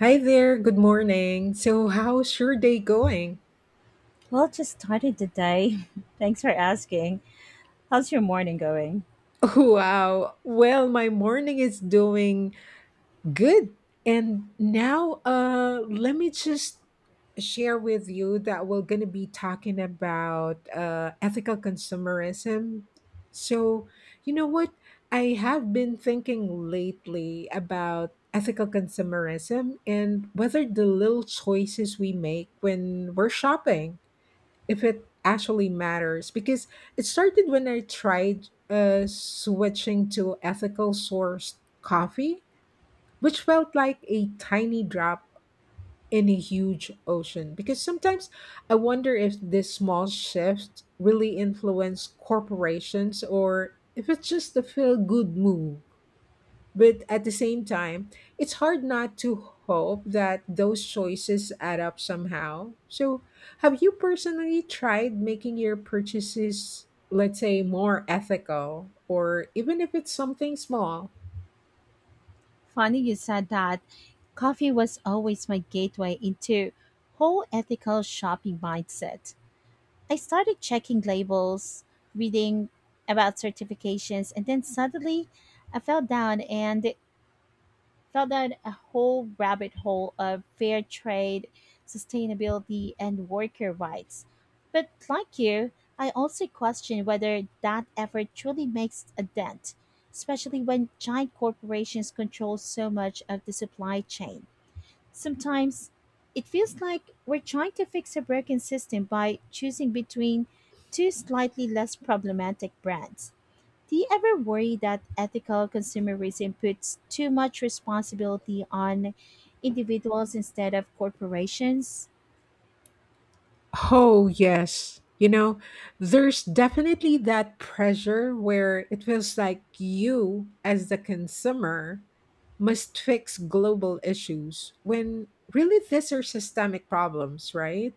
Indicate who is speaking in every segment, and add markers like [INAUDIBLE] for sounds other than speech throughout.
Speaker 1: Hi there, good morning. So, how's your day going?
Speaker 2: Well, just started the day. [LAUGHS] Thanks for asking. How's your morning going?
Speaker 1: [LAUGHS] Wow. Well, my morning is doing good. And now, let me just share with you that we're going to be talking about ethical consumerism. So, you know what? I have been thinking lately about ethical consumerism and whether the little choices we make when we're shopping, if it actually matters. Because it started when I tried switching to ethical sourced coffee, which felt like a tiny drop in a huge ocean. Because sometimes I wonder if this small shift really influenced corporations or if it's just a feel good move. But at the same time, it's hard not to hope that those choices add up somehow. So, have you personally tried making your purchases, let's say, more ethical, or even if it's something small?
Speaker 2: Funny you said that. Coffee was always my gateway into whole ethical shopping mindset. I started checking labels, reading about certifications, and then suddenly I fell down and fell down a whole rabbit hole of fair trade, sustainability, and worker rights. But like you, I also question whether that effort truly makes a dent, especially when giant corporations control so much of the supply chain. Sometimes it feels like we're trying to fix a broken system by choosing between two slightly less problematic brands. Do you ever worry that ethical consumerism puts too much responsibility on individuals instead of corporations?
Speaker 1: Oh, yes. You know, there's definitely that pressure where it feels like you, as the consumer, must fix global issues when really these are systemic problems, right?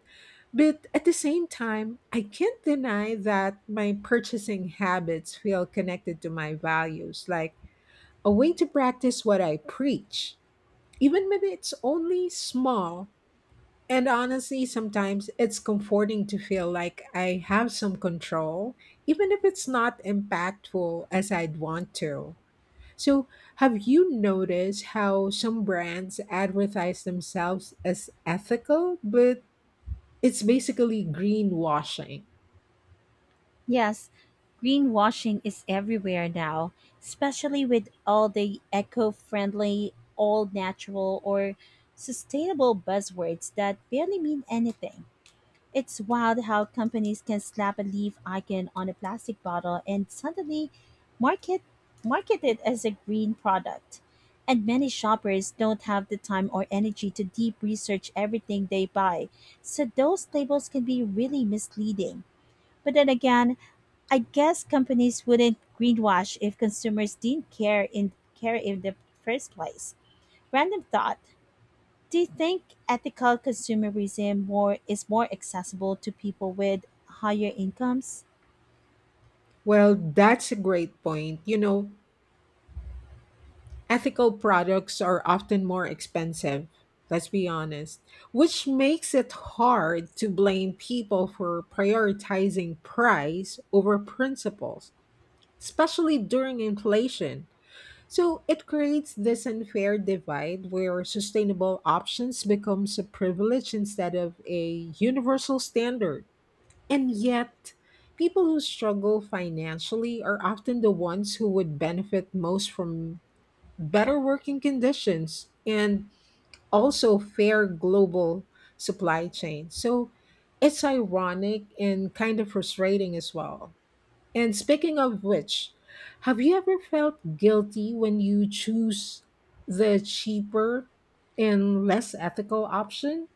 Speaker 1: But at the same time, I can't deny that my purchasing habits feel connected to my values, like a way to practice what I preach, even when it's only small. And honestly, sometimes it's comforting to feel like I have some control, even if it's not impactful as I'd want to. So, have you noticed how some brands advertise themselves as ethical, but it's basically greenwashing?
Speaker 2: Yes, greenwashing is everywhere now, especially with all the eco friendly, all natural, or sustainable buzzwords that barely mean anything. It's wild how companies can slap a leaf icon on a plastic bottle and suddenly market market it as a green product. And many shoppers don't have the time or energy to deep research everything they buy. So those labels can be really misleading. But then again, I guess companies wouldn't greenwash if consumers didn't care in the first place. Random thought, do you think ethical consumerism more is more accessible to people with higher incomes?
Speaker 1: Well, that's a great point. You know, ethical products are often more expensive, let's be honest, which makes it hard to blame people for prioritizing price over principles, especially during inflation. So it creates this unfair divide where sustainable options becomes a privilege instead of a universal standard. And yet, people who struggle financially are often the ones who would benefit most from better working conditions and also fair global supply chains. So it's ironic and kind of frustrating as well. And speaking of which, have you ever felt guilty when you choose the cheaper and less ethical option?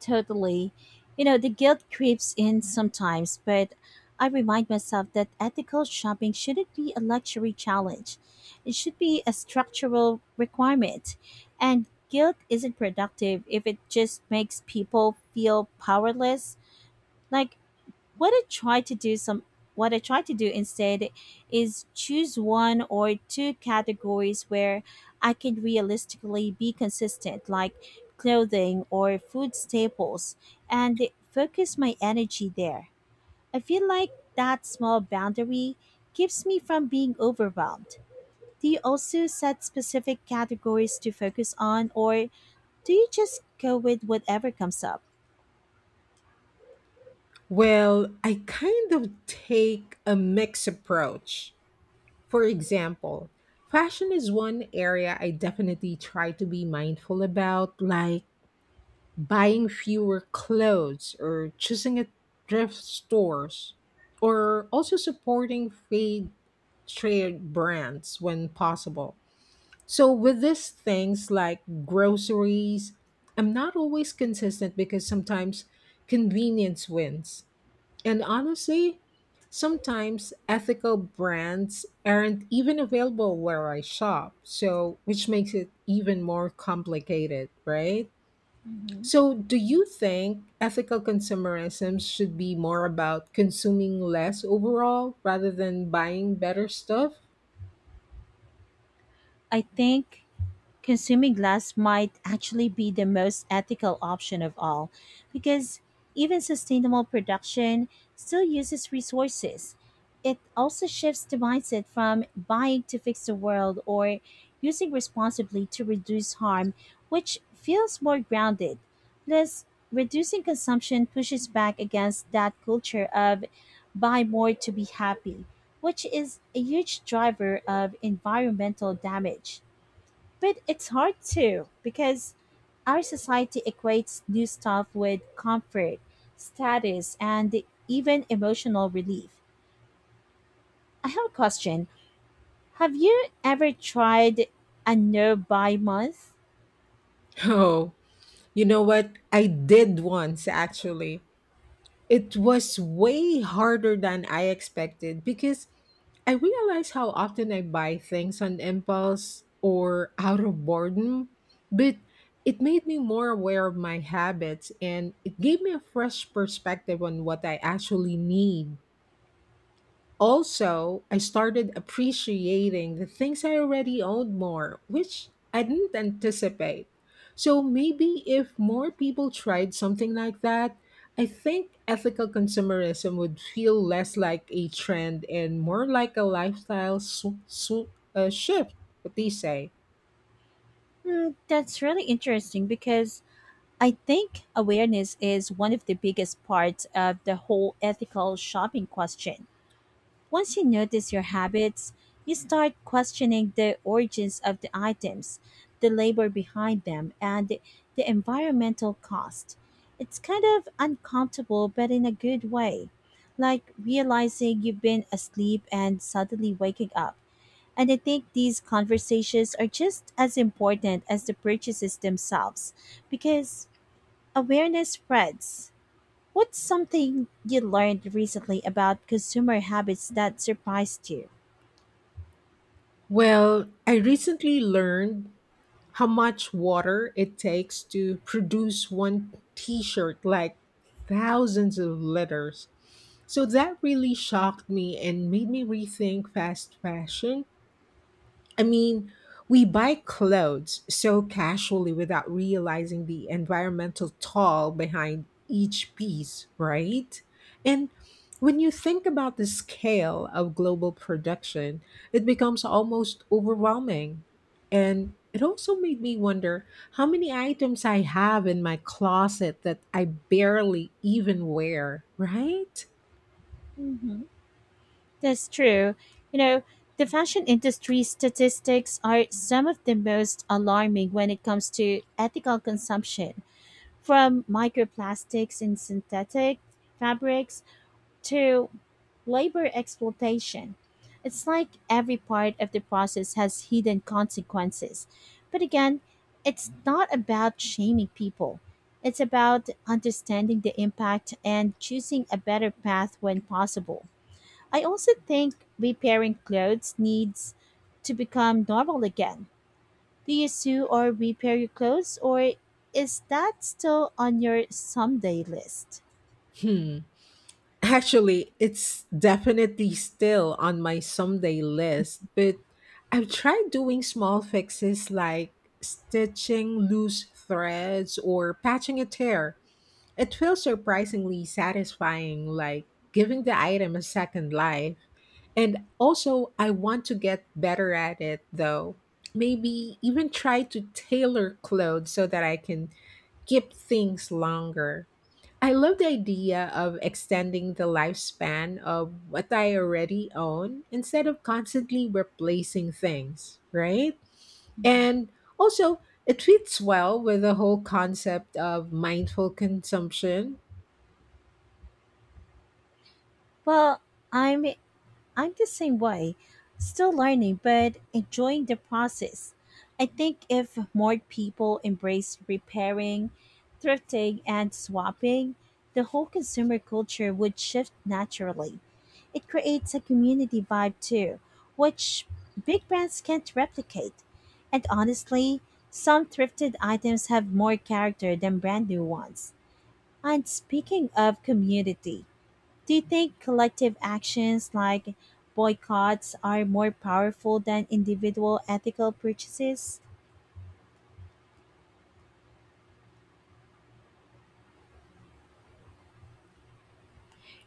Speaker 2: Totally. You know, the guilt creeps in sometimes, but I remind myself that ethical shopping shouldn't be a luxury challenge. It should be a structural requirement. And guilt isn't productive if it just makes people feel powerless. Like what I try to do some what I try to do instead is choose one or two categories where I can realistically be consistent like clothing or food staples and focus my energy there. I feel like that small boundary keeps me from being overwhelmed. Do you also set specific categories to focus on, or do you just go with whatever comes up?
Speaker 1: Well, I kind of take a mixed approach. For example, fashion is one area I definitely try to be mindful about, like buying fewer clothes or choosing at thrift stores, or also supporting fade trade brands when possible. So, with these things like groceries, I'm not always consistent because sometimes convenience wins. And honestly, sometimes ethical brands aren't even available where I shop, so which makes it even more complicated, right?
Speaker 2: Mm-hmm.
Speaker 1: So, do you think ethical consumerism should be more about consuming less overall rather than buying better stuff?
Speaker 2: I think consuming glass might actually be the most ethical option of all because even sustainable production still uses resources. It also shifts the mindset from buying to fix the world or using responsibly to reduce harm, which feels more grounded. Plus, reducing consumption pushes back against that culture of buy more to be happy, which is a huge driver of environmental damage. But it's hard to because our society equates new stuff with comfort, status, and even emotional relief. I have a question. Have you ever tried a no buy month?
Speaker 1: [LAUGHS] Oh, you know what? I did once actually. It was way harder than I expected because I realized how often I buy things on impulse or out of boredom, but it made me more aware of my habits, and it gave me a fresh perspective on what I actually need. Also, I started appreciating the things I already owned more, which I didn't anticipate. So maybe if more people tried something like that, I think ethical consumerism would feel less like a trend and more like a lifestyle shift. What do you say?
Speaker 2: Hmm, that's really interesting because I think awareness is one of the biggest parts of the whole ethical shopping question. Once you notice your habits, you start questioning the origins of the items, the labor behind them, and the environmental cost. It's kind of uncomfortable, but in a good way. Like realizing you've been asleep and suddenly waking up. And I think these conversations are just as important as the purchases themselves because awareness spreads. What's something you learned recently about consumer habits that surprised you?
Speaker 1: Well, I recently learned how much water it takes to produce one t-shirt, like thousands of liters. So that really shocked me and made me rethink fast fashion. I mean, we buy clothes so casually without realizing the environmental toll behind each piece, right? And when you think about the scale of global production, it becomes almost overwhelming. And it also made me wonder how many items I have in my closet that I barely even wear, right?
Speaker 2: Hmm. That's true. You know, the fashion industry statistics are some of the most alarming when it comes to ethical consumption, from microplastics in synthetic fabrics to labor exploitation. It's like every part of the process has hidden consequences. But again, it's not about shaming people. It's about understanding the impact and choosing a better path when possible. I also think repairing clothes needs to become normal again. Do you sew or repair your clothes, or is that still on your someday list?
Speaker 1: Hmm. Actually, it's definitely still on my someday list, but I've tried doing small fixes like stitching loose threads or patching a tear. It feels surprisingly satisfying, like giving the item a second life. And also, I want to get better at it though. Maybe even try to tailor clothes so that I can keep things longer. I love the idea of extending the lifespan of what I already own instead of constantly replacing things, right? And also, it fits well with the whole concept of mindful consumption.
Speaker 2: Well, I'm I'm the same way, still learning but enjoying the process. I think if more people embraced repairing, thrifting, and swapping, the whole consumer culture would shift naturally. It creates a community vibe too, which big brands can't replicate. And honestly, some thrifted items have more character than brand new ones. And speaking of community, do you think collective actions like boycotts are more powerful than individual ethical purchases?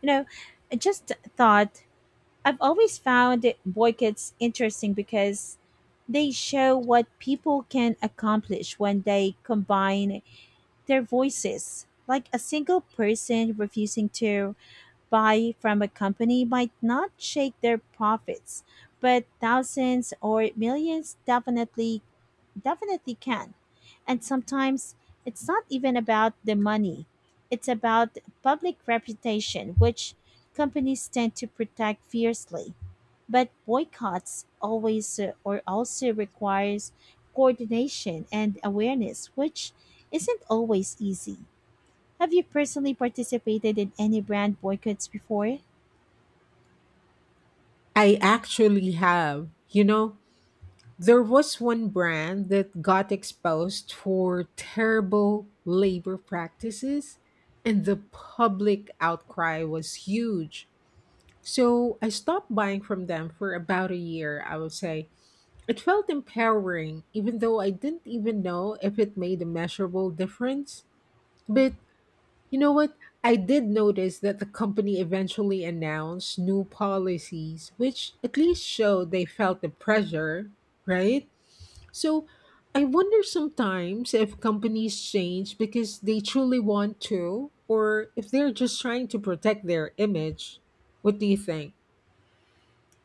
Speaker 2: You know, I just thought I've always found boycotts interesting because they show what people can accomplish when they combine their voices. Like a single person refusing to buy from a company might not shake their profits, but thousands or millions definitely can. And sometimes it's not even about the money, it's about public reputation, which companies tend to protect fiercely. But boycotts always or also requires coordination and awareness, which isn't always easy. Have you personally participated in any brand boycotts before?
Speaker 1: I actually have, you know, there was one brand that got exposed for terrible labor practices, and the public outcry was huge. So I stopped buying from them for about a year, I would say. It felt empowering, even though I didn't even know if it made a measurable difference. But you know what? I did notice that the company eventually announced new policies, which at least showed they felt the pressure, right? So I wonder sometimes if companies change because they truly want to, or if they're just trying to protect their image. What do you think?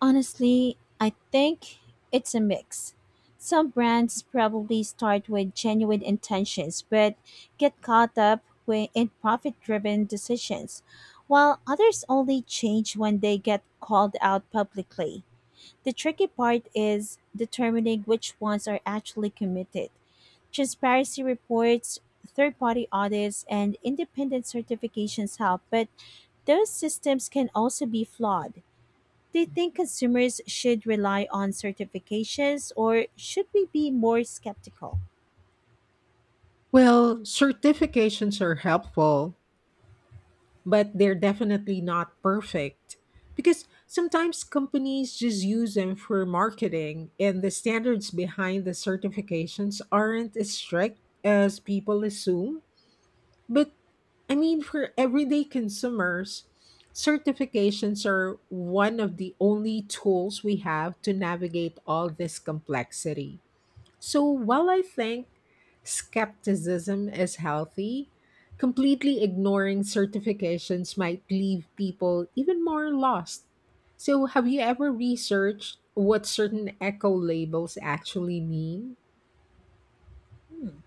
Speaker 2: Honestly, I think it's a mix. Some brands probably start with genuine intentions but get caught up in profit driven decisions, while others only change when they get called out publicly. The tricky part is determining which ones are actually committed. Transparency reports, third party audits, and independent certifications help, but those systems can also be flawed. Do you think consumers should rely on certifications or should we be more skeptical?
Speaker 1: Well, certifications are helpful, but they're definitely not perfect because sometimes companies just use them for marketing, and the standards behind the certifications aren't as strict as people assume. But I mean, for everyday consumers, certifications are one of the only tools we have to navigate all this complexity. So while I think skepticism is healthy, completely ignoring certifications might leave people even more lost. So have you ever researched what certain eco labels actually mean?
Speaker 2: Hmm.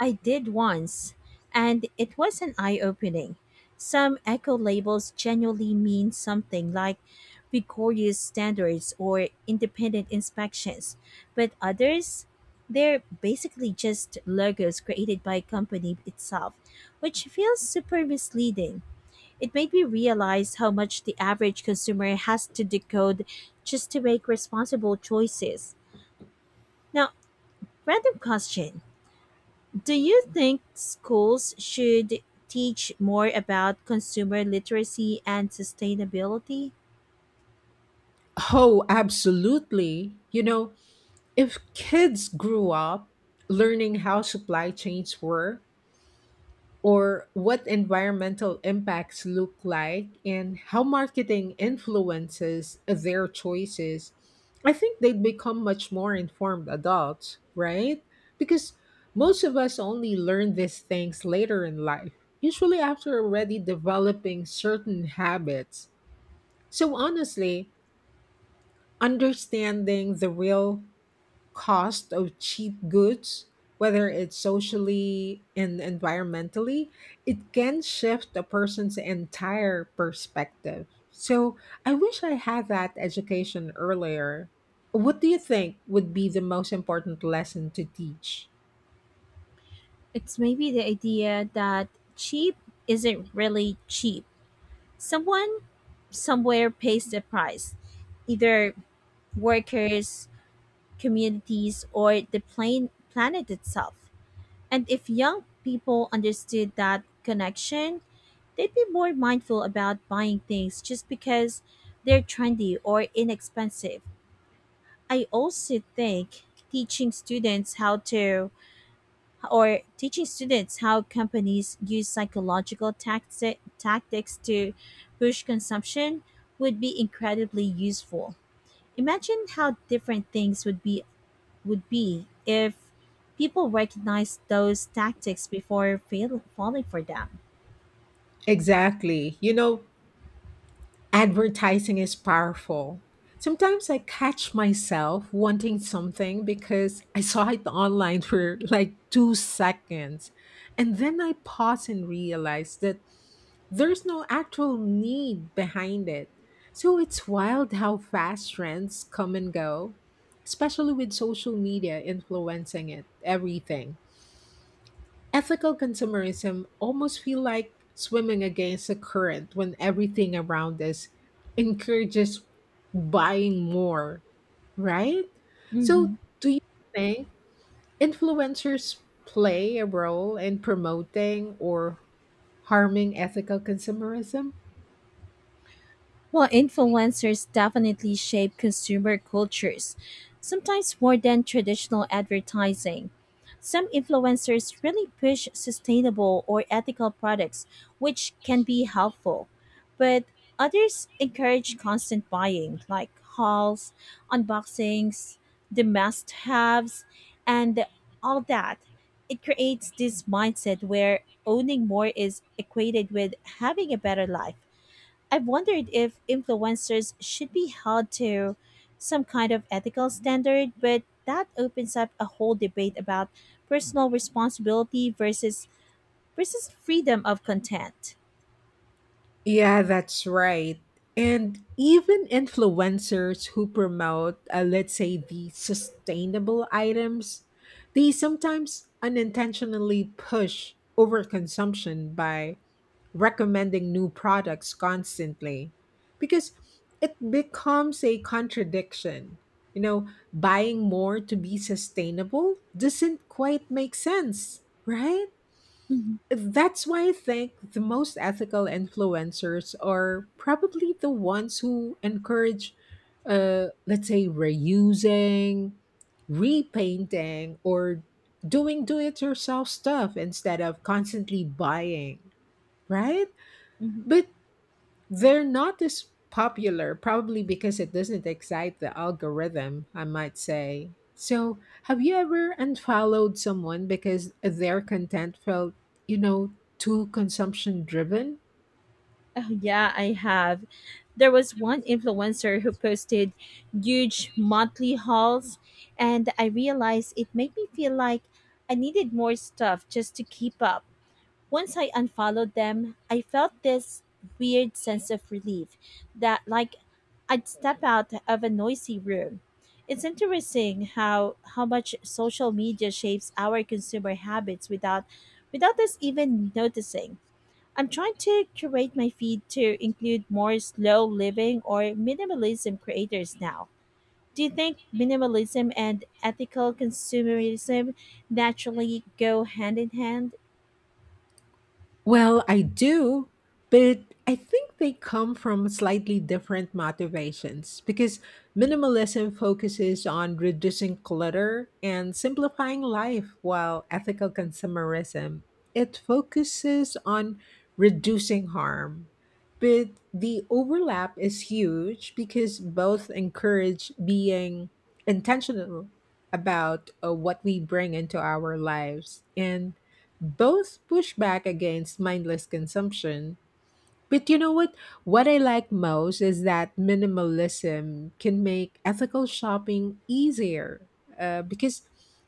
Speaker 2: I did once, and it was an eye opening. Some eco labels genuinely mean something like rigorous standards or independent inspections, but others, they're basically just logos created by a company itself, which feels super misleading. It made me realize how much the average consumer has to decode just to make responsible choices. Now, random question. Do you think schools should teach more about consumer literacy and sustainability?
Speaker 1: Oh, absolutely. You know, if kids grew up learning how supply chains work or what environmental impacts look like and how marketing influences their choices, I think they'd become much more informed adults, right? Because most of us only learn these things later in life, usually after already developing certain habits. So, honestly, understanding the real cost of cheap goods, whether it's socially and environmentally, it can shift a person's entire perspective. So I wish I had that education earlier. What do you think would be the most important lesson to teach?
Speaker 2: It's maybe the idea that cheap isn't really cheap. Someone somewhere pays the price, either workers, communities, or the plain planet itself. And if young people understood that connection, they'd be more mindful about buying things just because they're trendy or inexpensive. I also think teaching students how to teaching students how companies use psychological tactics to push consumption would be incredibly useful. Imagine how different things would be if people recognize those tactics before falling for them.
Speaker 1: Exactly. You know, advertising is powerful. Sometimes I catch myself wanting something because I saw it online for like 2 seconds. And then I pause and realize that there's no actual need behind it. So it's wild how fast trends come and go, especially with social media influencing it, everything. Ethical consumerism almost feel like swimming against the current when everything around us encourages buying more, right? So, do you think influencers play a role in promoting or harming ethical consumerism?
Speaker 2: Well, influencers definitely shape consumer cultures, sometimes more than traditional advertising. Some influencers really push sustainable or ethical products, which can be helpful, but others encourage constant buying, like hauls, unboxings, the must haves, and all that. It creates this mindset where owning more is equated with having a better life. I've wondered if influencers should be held to some kind of ethical standard, but that opens up a whole debate about personal responsibility versus freedom of content.
Speaker 1: Yeah, that's right. And even influencers who promote, let's say, the sustainable items, they sometimes unintentionally push overconsumption by recommending new products constantly, because it becomes a contradiction. You know, buying more to be sustainable doesn't quite make sense, right?
Speaker 2: Mhm.
Speaker 1: That's why I think the most ethical influencers are probably the ones who encourage, let's say, reusing, repainting, or doing do it yourself stuff instead of constantly buying, right?
Speaker 2: Mhm.
Speaker 1: But they're not as popular, probably because it doesn't excite the algorithm, I might say. So, have you ever unfollowed someone because their content felt, you know, too consumption driven?
Speaker 2: Oh, yeah, I have. There was one influencer who posted huge monthly hauls, and I realized it made me feel like I needed more stuff just to keep up. Once I unfollowed them, I felt this weird sense of relief that like I'd step out of a noisy room. It's interesting how much social media shapes our consumer habits without us even noticing. I'm trying to curate my feed to include more slow living or minimalism creators now. Do you think minimalism and ethical consumerism naturally go hand in hand?
Speaker 1: Well, I do, but I think they come from slightly different motivations because minimalism focuses on reducing clutter and simplifying life, while ethical consumerism, it focuses on reducing harm. But the overlap is huge because both encourage being intentional about what we bring into our lives, and both push back against mindless consumption. But you know what? What I like most is that minimalism can make ethical shopping easier, because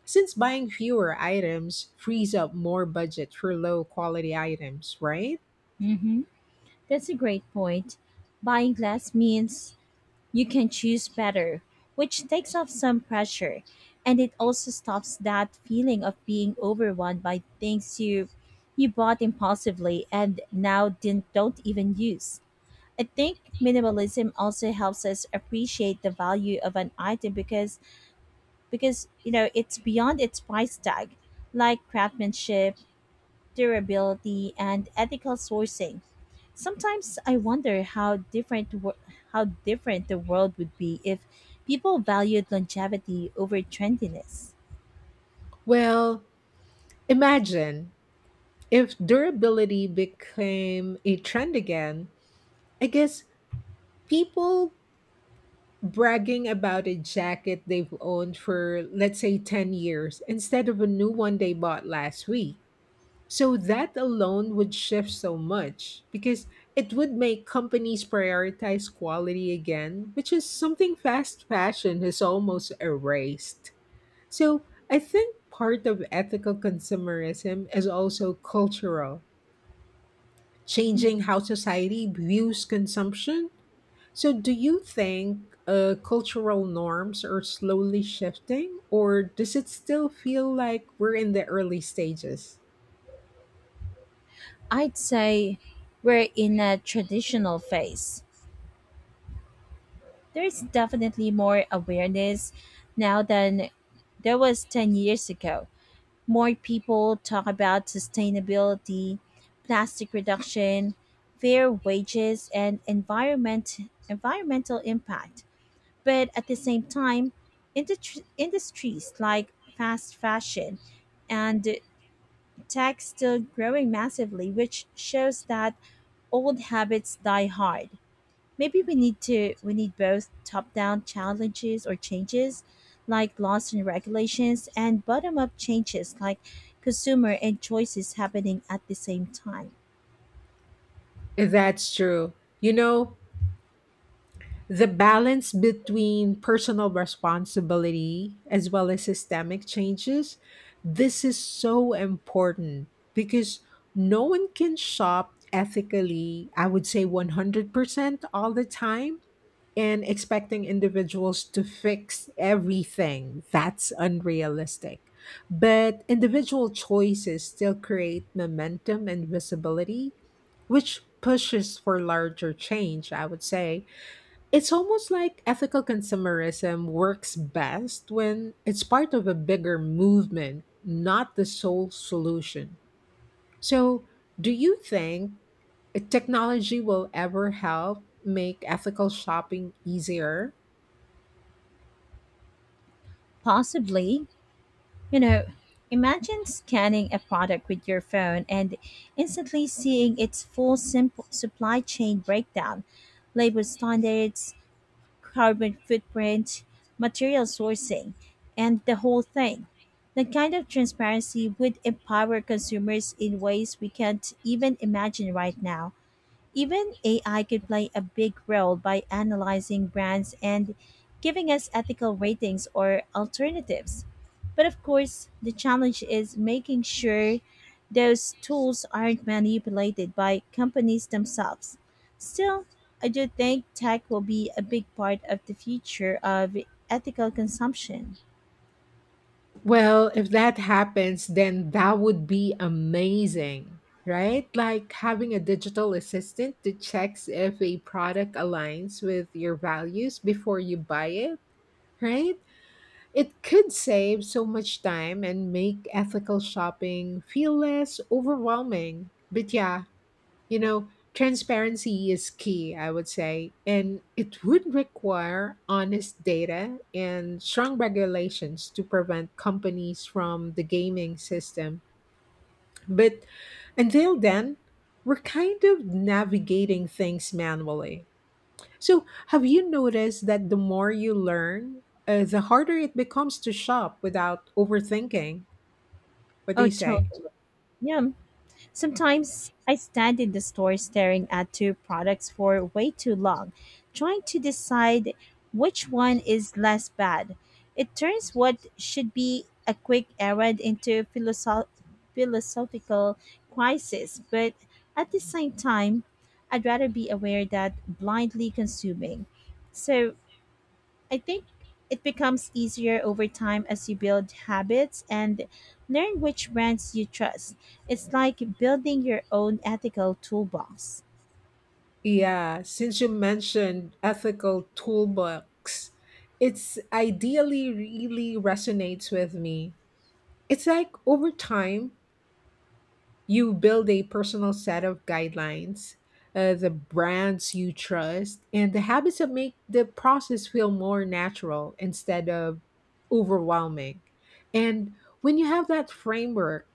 Speaker 1: since buying fewer items frees up more budget for low quality items, right?
Speaker 2: Mm-hmm. That's a great point. Buying less means you can choose better, which takes off some pressure. And it also stops that feeling of being overwhelmed by things you bought impulsively and now didn't, don't even use. I think minimalism also helps us appreciate the value of an item because you know it's beyond its price tag, like craftsmanship, durability, and ethical sourcing. Sometimes I wonder how different the world would be if people valued longevity over trendiness.
Speaker 1: Well, imagine if durability became a trend again, I guess, people bragging about a jacket they've owned for, let's say, 10 years instead of a new one they bought last week. So that alone would shift so much because it would make companies prioritize quality again, which is something fast fashion has almost erased. So I think part of ethical consumerism is also cultural,
Speaker 2: I
Speaker 1: changing how society views consumption. So, do you think cultural norms are slowly shifting, or does it still feel like we're in the early stages?
Speaker 2: I'd say we're in a traditional phase. There's definitely more awareness now than there was 10 years ago. More people talk about sustainability, plastic reduction, fair wages, and environmental impact. But at the same time, industries like fast fashion and tech still growing massively, which shows that old habits die hard. Maybe we need both top-down challenges or changes like laws and regulations and bottom-up changes like consumer and choices happening at the same time.
Speaker 1: That's true. You know, the balance between personal responsibility as well as systemic changes, this is so important because no one can shop ethically, I would say 100% all the time, and expecting individuals to fix everything, that's unrealistic. But individual choices still create momentum and visibility, which pushes for larger change, I would say. It's almost like ethical consumerism works best when it's part of a bigger movement, not the sole solution. So, do you think technology will ever help make ethical shopping easier?
Speaker 2: Possibly. You know, imagine scanning a product with your phone and instantly seeing its full simple supply chain breakdown, labor standards, carbon footprint, material sourcing, and the whole thing. The kind of transparency would empower consumers in ways we can't even imagine right now. Even AI could play a big role by analyzing brands and giving us ethical ratings or alternatives. But of course, the challenge is making sure those tools aren't manipulated by companies themselves. Still, I do think tech will be a big part of the future of ethical consumption.
Speaker 1: Well, if that happens, then that would be amazing, right? Like having a digital assistant that checks if a product aligns with your values before you buy it, right? It could save so much time and make ethical shopping feel less overwhelming. But yeah, you know, transparency is key, I would say, and it would require honest data and strong regulations to prevent companies from the gaming system. But until then, we're kind of navigating things manually. So, have you noticed that the more you learn, the harder it becomes to shop without overthinking? What do
Speaker 2: Oh,
Speaker 1: you say?
Speaker 2: totally. Yeah. Sometimes I stand in the store staring at two products for way too long, trying to decide which one is less bad. It turns what should be a quick errand into philosophical crisis, but at the same time, I'd rather be aware than blindly consuming. So, I think it becomes easier over time as you build habits and learn which brands you trust. It's like building your own ethical toolbox.
Speaker 1: Yeah, since you mentioned ethical toolbox, it's ideally really resonates with me. It's like over time, you build a personal set of guidelines, the brands you trust, and the habits that make the process feel more natural instead of overwhelming. And when you have that framework,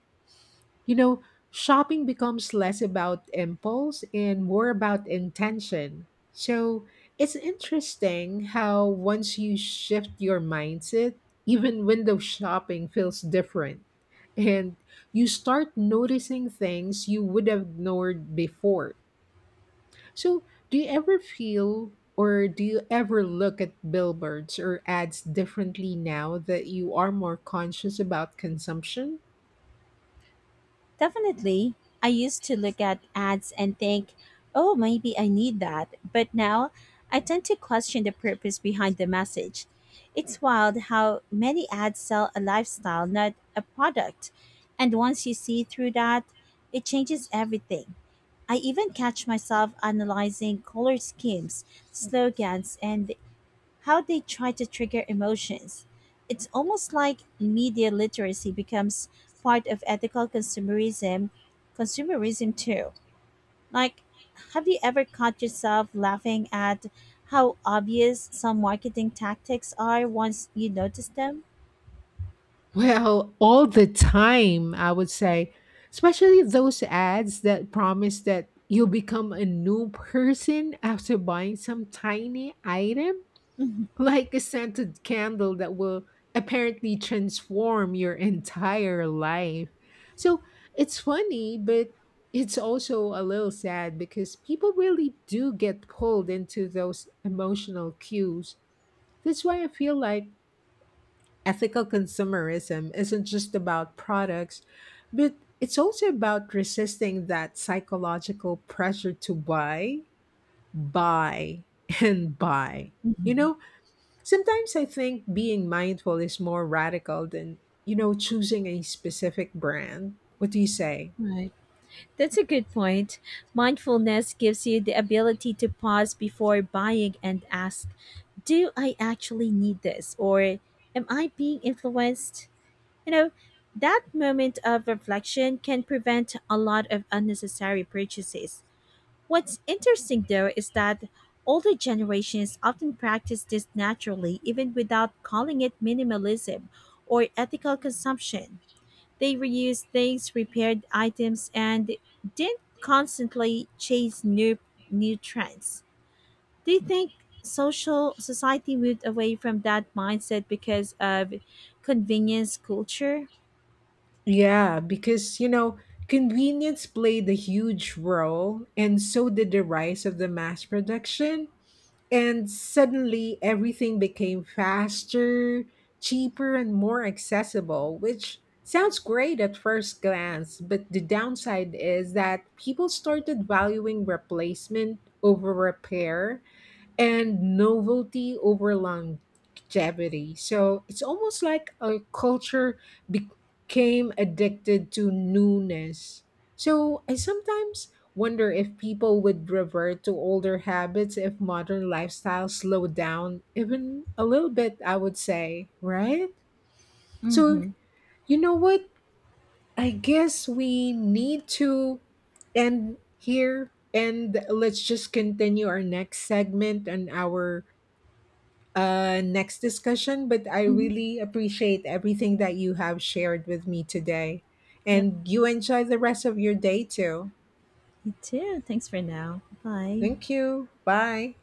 Speaker 1: you know, shopping becomes less about impulse and more about intention. So it's interesting how once you shift your mindset, even window shopping feels different. And you start noticing things you would have ignored before. So, do you ever feel do you ever look at billboards or ads differently now that you are more conscious about consumption?
Speaker 2: Definitely. I used to look at ads and think, oh, maybe I need that. But now I tend to question the purpose behind the message. It's wild how many ads sell a lifestyle, not a product. And once you see through that, it changes everything. I even catch myself analyzing color schemes, slogans, and how they try to trigger emotions. It's almost like media literacy becomes part of consumerism too. Like, have you ever caught yourself laughing at how obvious some marketing tactics are once you notice them? [LAUGHS]
Speaker 1: Well, all the time, I would say, especially those ads that promise that you'll become a new person after buying some tiny item,
Speaker 2: Mhm.
Speaker 1: like a scented candle that will apparently transform your entire life. So it's funny, but it's also a little sad because people really do get pulled into those emotional cues. That's why I feel like ethical consumerism isn't just about products, but it's also about resisting that psychological pressure to buy, buy, [LAUGHS] and buy. You
Speaker 2: Hmm.
Speaker 1: know, sometimes I think being mindful is more radical than, you know, choosing a specific brand. What do you say?
Speaker 2: Right. That's a good point. Mindfulness gives you the ability to pause before buying and ask, do I actually need this? Or am I being influenced? You know, that moment of reflection can prevent a lot of unnecessary purchases. What's interesting though is that older generations often practice this naturally, even without calling it minimalism or ethical consumption. They reused things, repaired items, and didn't constantly chase new trends. Do you think social society moved away from that mindset because of convenience culture?
Speaker 1: Yeah, because, you know, convenience played a huge role, and so did the rise of the mass production. And suddenly everything became faster, cheaper, and more accessible, which sounds great at first glance. But the downside is that people started valuing replacement over repair and novelty over longevity. So it's almost like a culture became addicted to newness. So I sometimes wonder if people would revert to older habits if modern lifestyles slowed down even a little bit, I would say, right? So
Speaker 2: Mm-hmm.
Speaker 1: you know what? I guess we need to end here, and let's just continue our next segment and our next discussion, but I
Speaker 2: Hmm.
Speaker 1: really appreciate everything that you have shared with me today.
Speaker 2: Yep,
Speaker 1: And you enjoy the rest of your day too.
Speaker 2: you too. Thanks for now. Bye.
Speaker 1: Thank you. Bye.